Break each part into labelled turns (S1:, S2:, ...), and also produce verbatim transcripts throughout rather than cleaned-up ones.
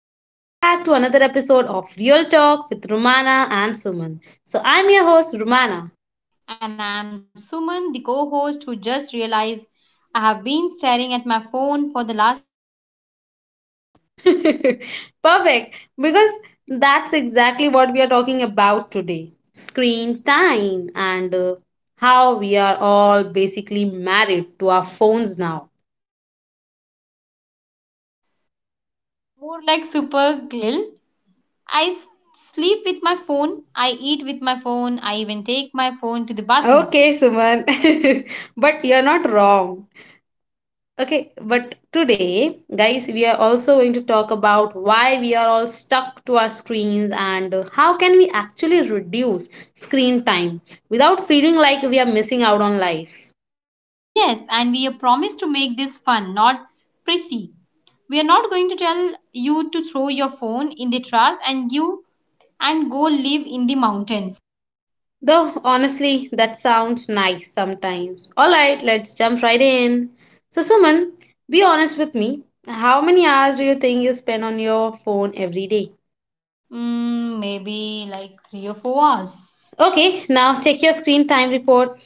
S1: and welcome back to another episode of Real Talk with Romana and Suman. So, I'm your host, Romana.
S2: And I'm Suman, the co host who just realized I have been staring at my phone for the last,
S1: Perfect, because that's exactly what we are talking about today: screen time, and uh, how we are all basically married to our phones now.
S2: more like super glill. I s- sleep with my phone, I eat with my phone, I even take my phone to the bathroom.
S1: Okay, Suman, but you're not wrong. Okay, but today, guys, we are also going to talk about why we are all stuck to our screens and how can we actually reduce screen time without feeling like we are missing out on life.
S2: Yes, and we are promised to make this fun, not prissy. We are not going to tell you to throw your phone in the trash and you and go live in the mountains.
S1: Though honestly, that sounds nice sometimes. All right, let's jump right in. So, Suman, be honest with me. How many hours do you think you spend on your phone every day?
S2: Mm, maybe like three or four hours.
S1: Okay, now check your screen time report.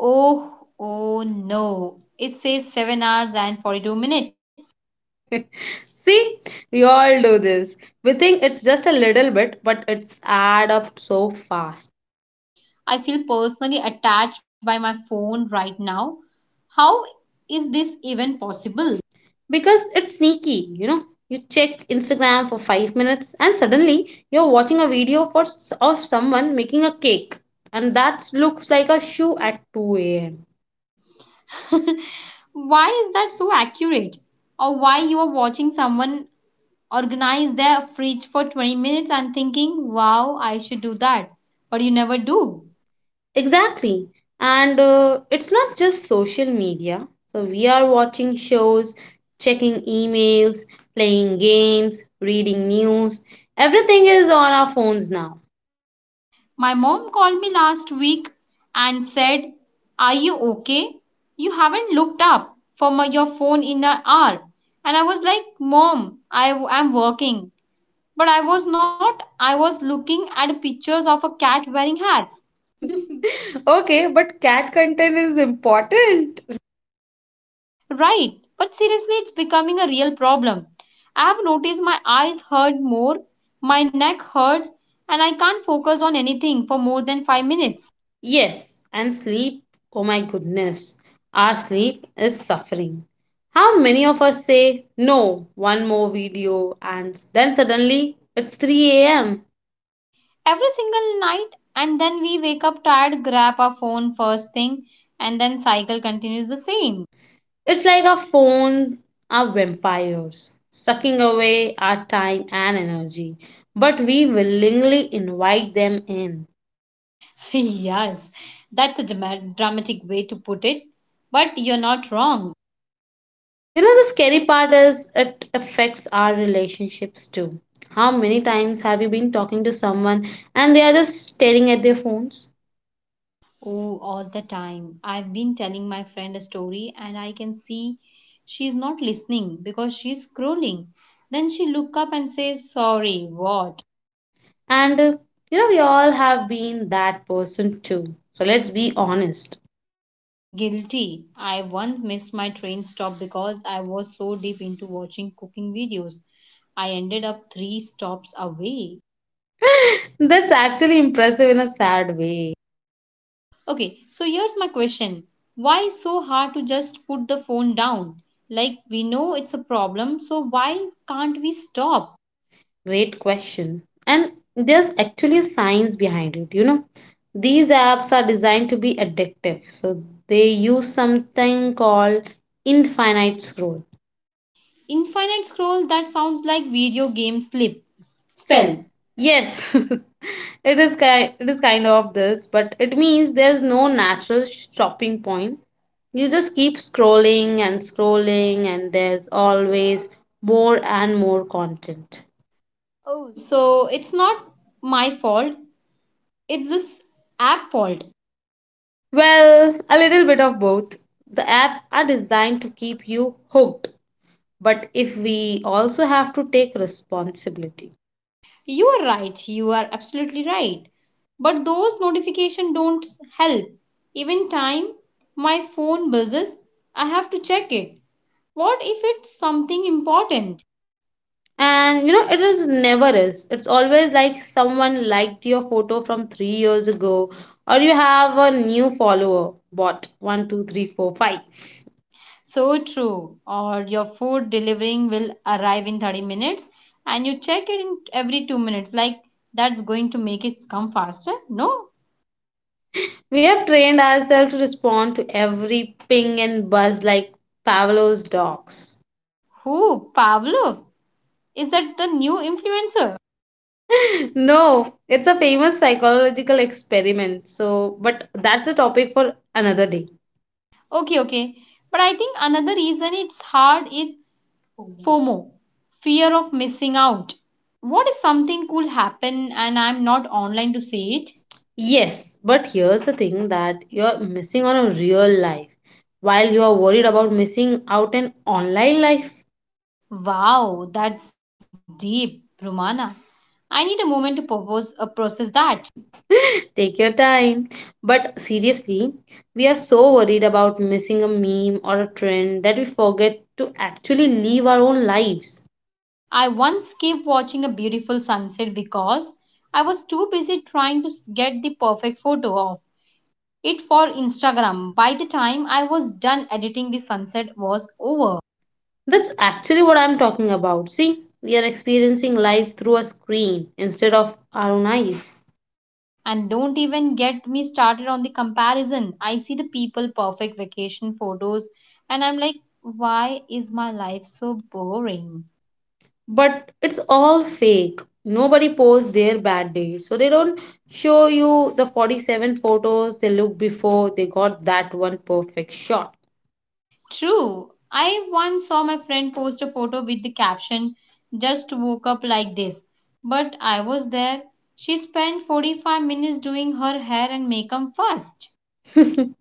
S2: Oh, oh no. It says seven hours and forty-two minutes.
S1: See, we all do this. We think it's just a little bit, but it's add up so fast.
S2: I feel personally attached by my phone right now. How is this even possible?
S1: Because it's sneaky, you know. You check Instagram for five minutes and suddenly you're watching a video for s- of someone making a cake and that looks like a shoe at two a m.
S2: Why is that so accurate? Or why you are watching someone organize their fridge for twenty minutes and thinking, wow, I should do that. But you never do.
S1: Exactly. And uh, It's not just social media. So we are watching shows, checking emails, playing games, reading news. Everything is on our phones now.
S2: My mom called me last week and said, "Are you okay? You haven't looked up for my, your phone in an hour." And I was like, "Mom, I am working." But I was not. I was looking at pictures of a cat wearing hats.
S1: Okay, but cat content is important.
S2: Right. But seriously, it's becoming a real problem. I have noticed my eyes hurt more, my neck hurts, and I can't focus on anything for more than five
S1: Yes.
S2: minutes.
S1: Yes, and sleep. Oh my goodness. Our sleep is suffering. How many of us say, no, one more video, and then suddenly it's three a m?
S2: Every single night, and then we wake up tired, grab our phone first thing, and then cycle continues the same.
S1: It's like our phone are vampires, sucking away our time and energy, but we willingly invite them in.
S2: Yes, that's a drama- dramatic way to put it, but you're not wrong.
S1: You know, the scary part is it affects our relationships too. How many times have you been talking to someone and they are just staring at their phones?
S2: Oh, all the time. I've been telling my friend a story and I can see she's not listening because she's scrolling. Then she look up and says, "Sorry, what?"
S1: And uh, You know, we all have been that person too. So let's be honest.
S2: Guilty. I once missed my train stop because I was so deep into watching cooking videos. I ended up three stops away.
S1: That's actually impressive in a sad way.
S2: Okay, so here's my question. Why is so hard to just put the phone down? Like we know it's a problem, so why can't we stop?
S1: Great question. And there's actually science behind it, you know. These apps are designed to be addictive. So they use something called infinite scroll.
S2: Infinite scroll, that sounds like video game slip
S1: Spell.
S2: spell.
S1: Yes, it is kind. It is kind of this, but it means there's no natural stopping point. You just keep scrolling and scrolling, and there's always more and more content.
S2: So it's not my fault, it's this app fault.
S1: Well, a little bit of both. The app are designed to keep you hooked, but if we also have to take responsibility.
S2: You are right. You are absolutely right. But those notifications don't help. Even time my phone buzzes, I have to check it. What if it's something important?
S1: And you know, it is never is it's always like someone liked your photo from three years ago, or you have a new follower bot one two three four five.
S2: So true. Or your food delivering will arrive in thirty minutes and you check it in every two minutes. Like that's going to make it come faster? No.
S1: We have trained ourselves to respond to every ping and buzz like Pavlov's dogs.
S2: Who? Pavlov. Is that the new influencer?
S1: No, it's a famous psychological experiment, so but that's a topic for another day.
S2: Okay, okay. But I think another reason it's hard is FOMO, fear of missing out. What if something could happen and I'm not online to see it?
S1: It Yes, but here's the thing, that you're missing on a real life while you are worried about missing out an online life.
S2: Wow, that's deep, Rumana. I need a moment to propose, uh, process that.
S1: Take your time. But seriously, we are so worried about missing a meme or a trend that we forget to actually live our own lives.
S2: I once skipped watching a beautiful sunset because I was too busy trying to s- get the perfect photo of it for Instagram. By the time I was done editing, the sunset was over.
S1: That's actually what I'm talking about. See, we are experiencing life through a screen instead of our own eyes.
S2: And don't even get me started on the comparison. I see the people perfect vacation photos and I'm like, why is my life so boring?
S1: But it's all fake. Nobody posts their bad days, so they don't show you the forty-seven photos they look before they got that one perfect shot.
S2: True. I once saw my friend post a photo with the caption, "Just woke up like this." But I was there. She spent forty-five minutes doing her hair and makeup first.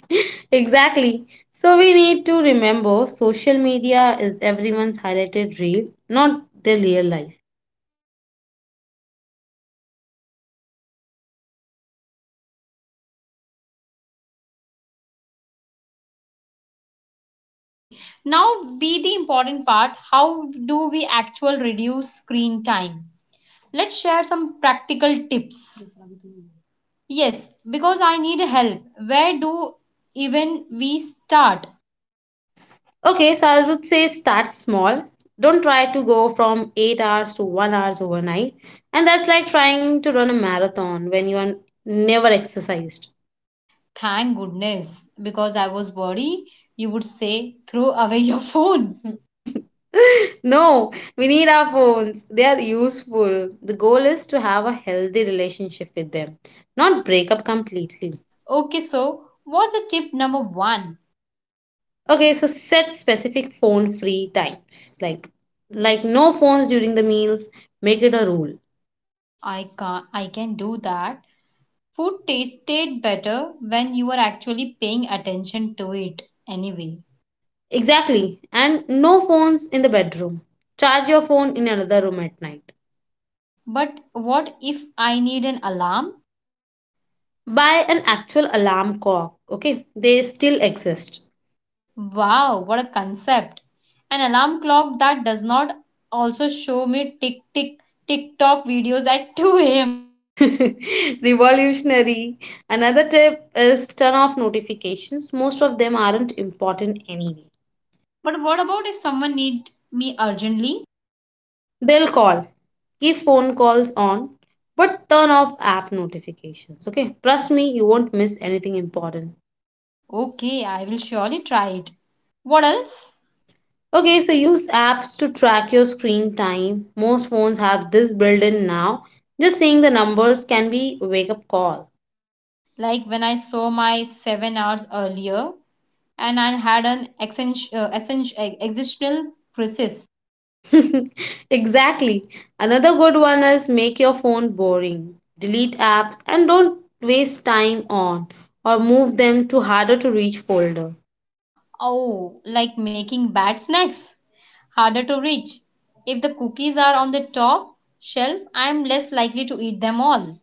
S1: Exactly. So we need to remember, social media is everyone's highlighted reel, not their real life.
S2: Okay, now be the important part. How do we actually reduce screen time? Let's share some practical tips. Yes, because I need help. Where do even we start?
S1: Okay, so I would say start small. Don't try to go from eight hours to one hours overnight. And that's like trying to run a marathon when you are never exercised.
S2: Thank goodness, because I was worried you would say throw away your phone.
S1: No, we need our phones. They are useful. The goal is to have a healthy relationship with them, not break up completely.
S2: Okay, so what's the tip number one?
S1: Okay, so set specific phone free times. Like like no phones during the meals. Make it a rule.
S2: I can, I can do that. Food tasted better when you are actually paying attention to it anyway.
S1: Exactly. And no phones in the bedroom. Charge your phone in another room at night.
S2: But what if I need an alarm?
S1: Buy an actual alarm clock. Okay, they still exist.
S2: Wow, what a concept. An alarm clock that does not also show me tick tick TikTok videos at two a m.
S1: Revolutionary. Another tip is turn off notifications. Most of them aren't important anyway.
S2: But what about if someone needs me urgently?
S1: They'll call. Keep phone calls on, but turn off app notifications. Okay, trust me, you won't miss anything important.
S2: Okay, I will surely try it. What else?
S1: Okay, so use apps to track your screen time. Most phones have this built in now. Just seeing the numbers can be a wake up call.
S2: Like when I saw my seven hours earlier and I had an exen- uh, essen- uh, existential crisis.
S1: Exactly. Another good one is make your phone boring. Delete apps and don't waste time on, or move them to harder to reach folder.
S2: Oh, like making bad snacks harder to reach. If the cookies are on the top shelf, I am less likely to eat them all.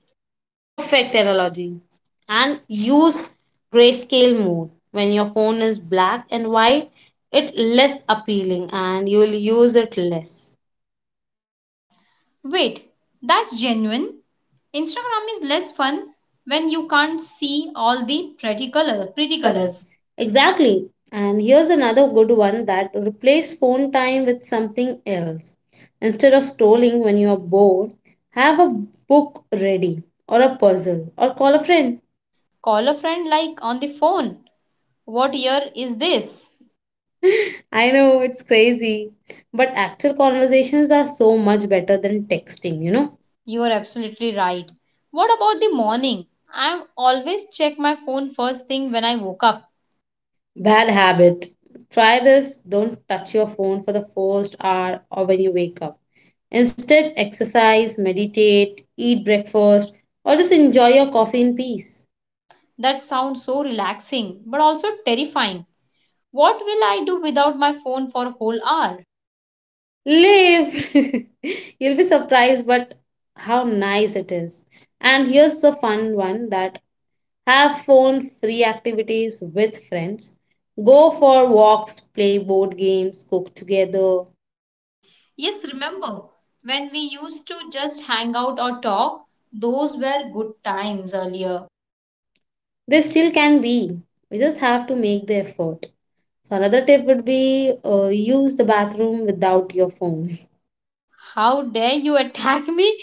S1: Perfect analogy. And use grayscale mode. When your phone is black and white, it less appealing and you will use it less.
S2: Wait, that's genuine. Instagram is less fun when you can't see all the pretty colors. Pretty
S1: Pretty
S2: colors.
S1: colors. Exactly. And here's another good one, that replace phone time with something else. Instead of scrolling when you're bored, have a book ready, or a puzzle, or call a friend.
S2: Call a friend, like on the phone. What year is this?
S1: I know it's crazy, but actual conversations are so much better than texting, you know.
S2: You are absolutely right. What about the morning? I always check my phone first thing when I woke up.
S1: Bad habit. Try this. Don't touch your phone for the first hour or when you wake up. Instead, exercise, meditate, eat breakfast, or just enjoy your coffee in peace.
S2: That sounds so relaxing but also terrifying. What will I do without my phone for a whole hour?
S1: Live! You'll be surprised, but how nice it is. And here's the fun one, that have phone free activities with friends. Go for walks, play board games, cook together.
S2: Yes, remember when we used to just hang out or talk? Those were good times earlier.
S1: They still can be. We just have to make the effort. So another tip would be, uh, use the bathroom without your phone.
S2: How dare you attack me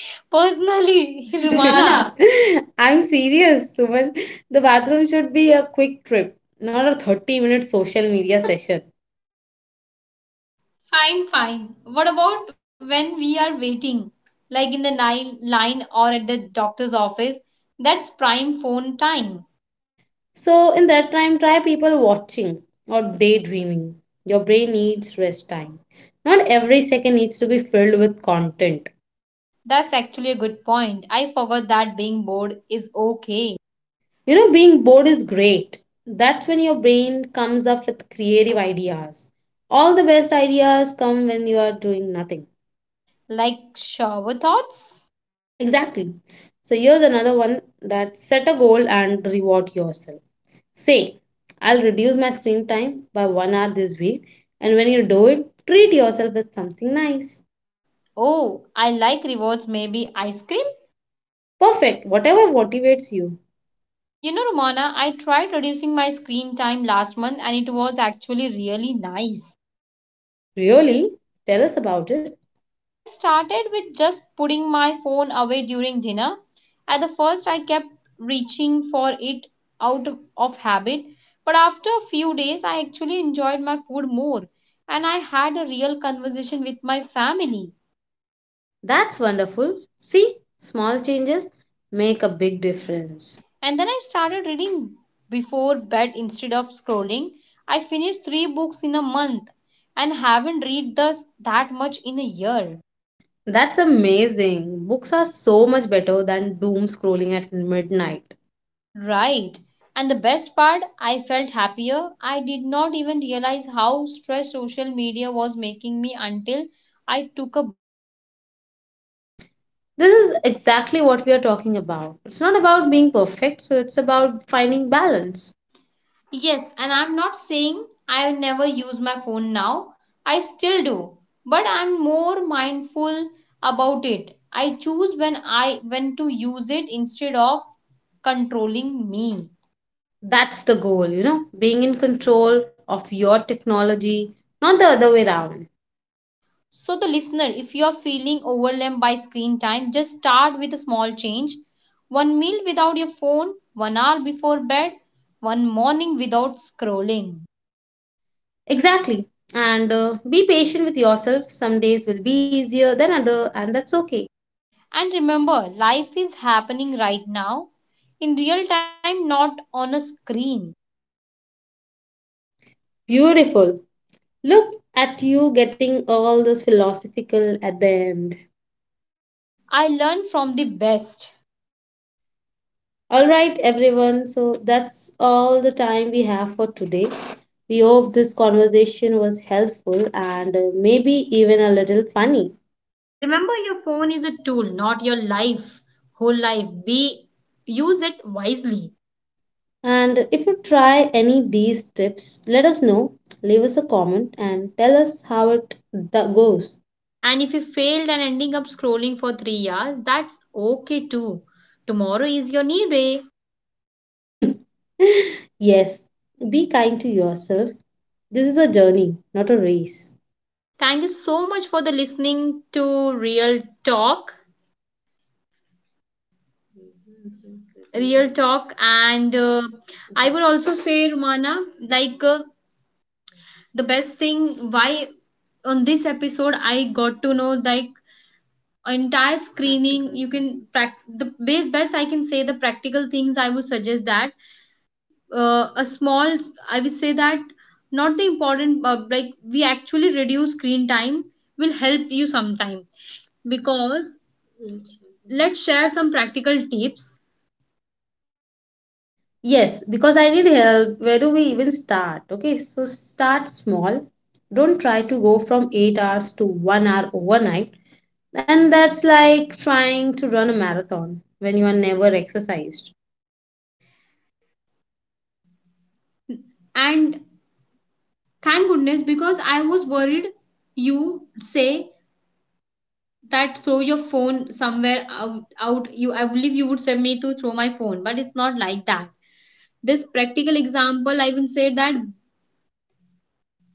S2: personally,
S1: Rumana.
S2: Rumana?
S1: I'm serious, Suman. The bathroom should be a quick trip, not a thirty minute social media session.
S2: Fine, fine. What about when we are waiting, like in the ni- line or at the doctor's office? That's prime phone time.
S1: So in that time, try people watching or daydreaming. Your brain needs rest time. Not every second needs to be filled with content.
S2: That's actually a good point. I forgot that being bored is okay.
S1: You know, being bored is great. That's when your brain comes up with creative ideas. All the best ideas come when you are doing nothing.
S2: Like shower thoughts?
S1: Exactly. So here's another one, that set a goal and reward yourself. Say, I'll reduce my screen time by one hour this week, and when you do it, treat yourself with something nice.
S2: Oh, I like rewards, maybe ice cream?
S1: Perfect, whatever motivates you.
S2: You know, Romana, I tried reducing my screen time last month and it was actually really nice.
S1: Really? Tell us about it.
S2: Well, I started with just putting my phone away during dinner. At the first, I kept reaching for it out of of habit, but after a few days, I actually enjoyed my food more and I had a real conversation with my family.
S1: That's wonderful. See, small changes make a big difference.
S2: And then I started reading before bed instead of scrolling. I finished three books in a month and haven't read thus that much in a year.
S1: That's amazing. Books are so much better than doom scrolling at midnight.
S2: Right. And the best part, I felt happier. I did not even realize how stressed social media was making me until I took a…
S1: This is exactly what we are talking about. It's not about being perfect, so it's about finding balance.
S2: Yes, and I'm not saying I never use my phone now. I still do, but I'm more mindful about it. I choose when I when to use it instead of controlling me.
S1: That's the goal, you know, being in control of your technology, not the other way around.
S2: So, the listener, if you are feeling overwhelmed by screen time, just start with a small change. One meal without your phone, one hour before bed, one morning without scrolling.
S1: Exactly. And uh, Be patient with yourself. Some days will be easier than other, and that's okay.
S2: And remember, life is happening right now in real time, not on a screen.
S1: Beautiful. Look at you getting all those philosophical at the end.
S2: I learn from the best.
S1: All right, everyone. So that's all the time we have for today. We hope this conversation was helpful and, uh, maybe even a little funny.
S2: Remember, your phone is a tool, not your life, whole life. Be Use it wisely.
S1: And if you try any these tips, let us know. Leave us a comment and tell us how it d- goes.
S2: And if you failed and ending up scrolling for three hours, that's okay too. Tomorrow is your new day.
S1: Yes, be kind to yourself. This is a journey, not a race.
S2: Thank you so much for the listening to Real Talk. Real Talk, and uh, I would also say, Rumana, like uh, the best thing why on this episode I got to know like entire screening. You can prac the best best I can say the practical things I would suggest that, uh, a small, I would say that not the important, uh, like we actually reduce screen time will help you sometime because let's share some practical tips.
S1: Yes, because I need help. Where do we even start? Okay, so start small. Don't try to go from eight hours to one hour overnight. And that's like trying to run a marathon when you are never exercised.
S2: And thank goodness because I was worried you say that throw your phone somewhere out out you, I believe you would say me to throw my phone, but it's not like that. This practical example, I will say that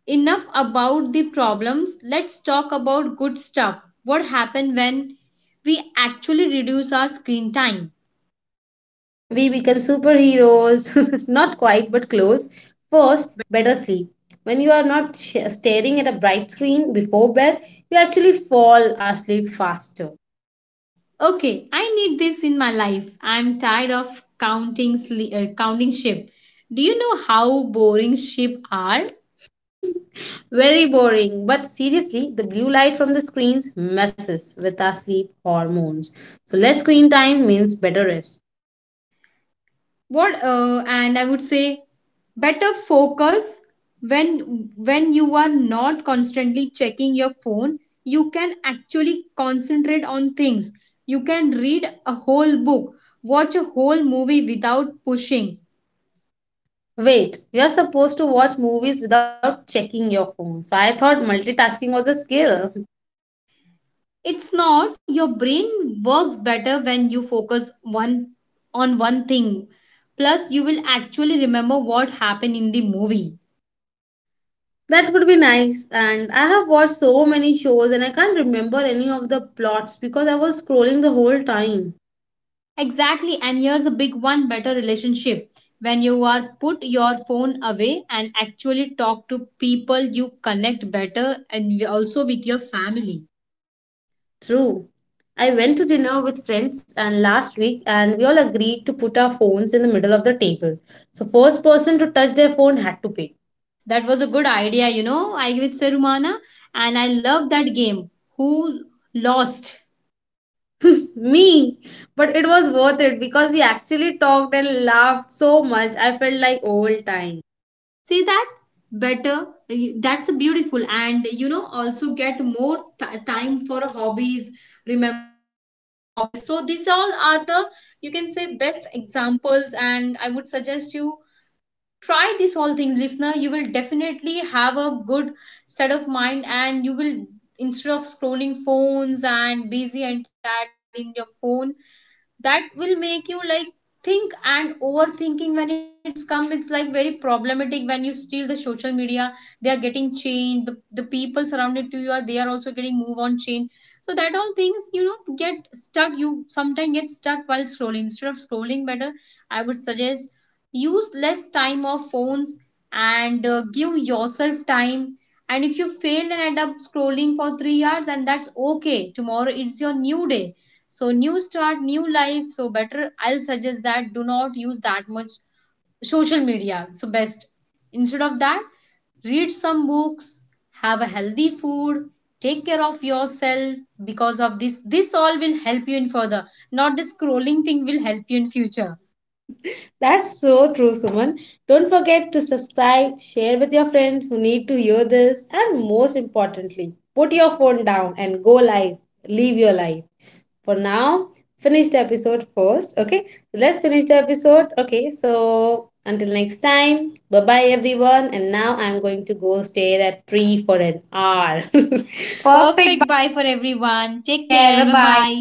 S2: enough about the problems. Let's talk about good stuff. What happens when we actually reduce our screen time?
S1: We become superheroes. Not quite, but close.
S2: First,
S1: First, better sleep. When you are not sh- staring at a bright screen before bed, you actually fall asleep faster.
S2: okay, I need this in my life. I'm tired of counting sli- uh, counting sheep. Do you know how boring sheep are?
S1: Very boring. But seriously, the blue light from the screens messes with our sleep hormones. So less screen time means better rest.
S2: What, uh, and I would say better focus when when you are not constantly checking your phone, you can actually concentrate on things. You can read a whole book, watch a whole movie without pushing.
S1: Wait, you're supposed to watch movies without checking your phone. So I thought multitasking was a skill.
S2: It's not, your brain works better when you focus one on one thing. Plus you will actually remember what happened in the movie.
S1: That would be nice. And I have watched so many shows and I can't remember any of the plots because I was scrolling the whole time.
S2: Exactly, and here's a big one, better relationship. When you are put your phone away and actually talk to people, you connect better and y- also with your family.
S1: True. I went to dinner with friends and last week and we all agreed to put our phones in the middle of the table. So first person to touch their phone had to pay.
S2: That was a good idea, you know. I give it Serumana, and I love that game. Who lost?
S1: Me. But it was worth it because we actually talked and laughed so much. I felt like old times.
S2: See that? Better. Y- That's beautiful, and you know, also get more t- time for hobbies, remembering hobbies. So, these all are the, you can say, best examples, and I would suggest you try this all thing, listener. You will definitely have a good set of mind, and you will, instead of scrolling phones and busy and tired in your phone, that will make you like think and overthinking when it's come. It's like very problematic when you steal the social media. They are getting changed. The, the people surrounded to you, are they are also getting move on change. So that all things, you know, get stuck. You sometimes get stuck while scrolling. Instead of scrolling, better I would suggest use less time of phones. And uh, give yourself time. And if you fail and end up scrolling for three hours, and that's okay, tomorrow it's your new day. So new start, new life. So better, I'll suggest that do not use that much social media. So best, instead of that, read some books, have a healthy food, take care of yourself, because of this this all will help you in further. Not the scrolling thing will help you in future.
S1: That's so true, Suman. Don't forget to subscribe, share with your friends who need to hear this, and most importantly, put your phone down and go live. Live your life. For now, finish the episode first, okay? Let's finish the episode. Okay, so until next time, bye bye everyone. And now I'm going to go stare at tree for an hour. Perfect.
S2: Perfect, bye for everyone,
S1: Take
S2: take
S1: care.
S2: care,
S1: Bye
S2: bye bye.
S1: bye.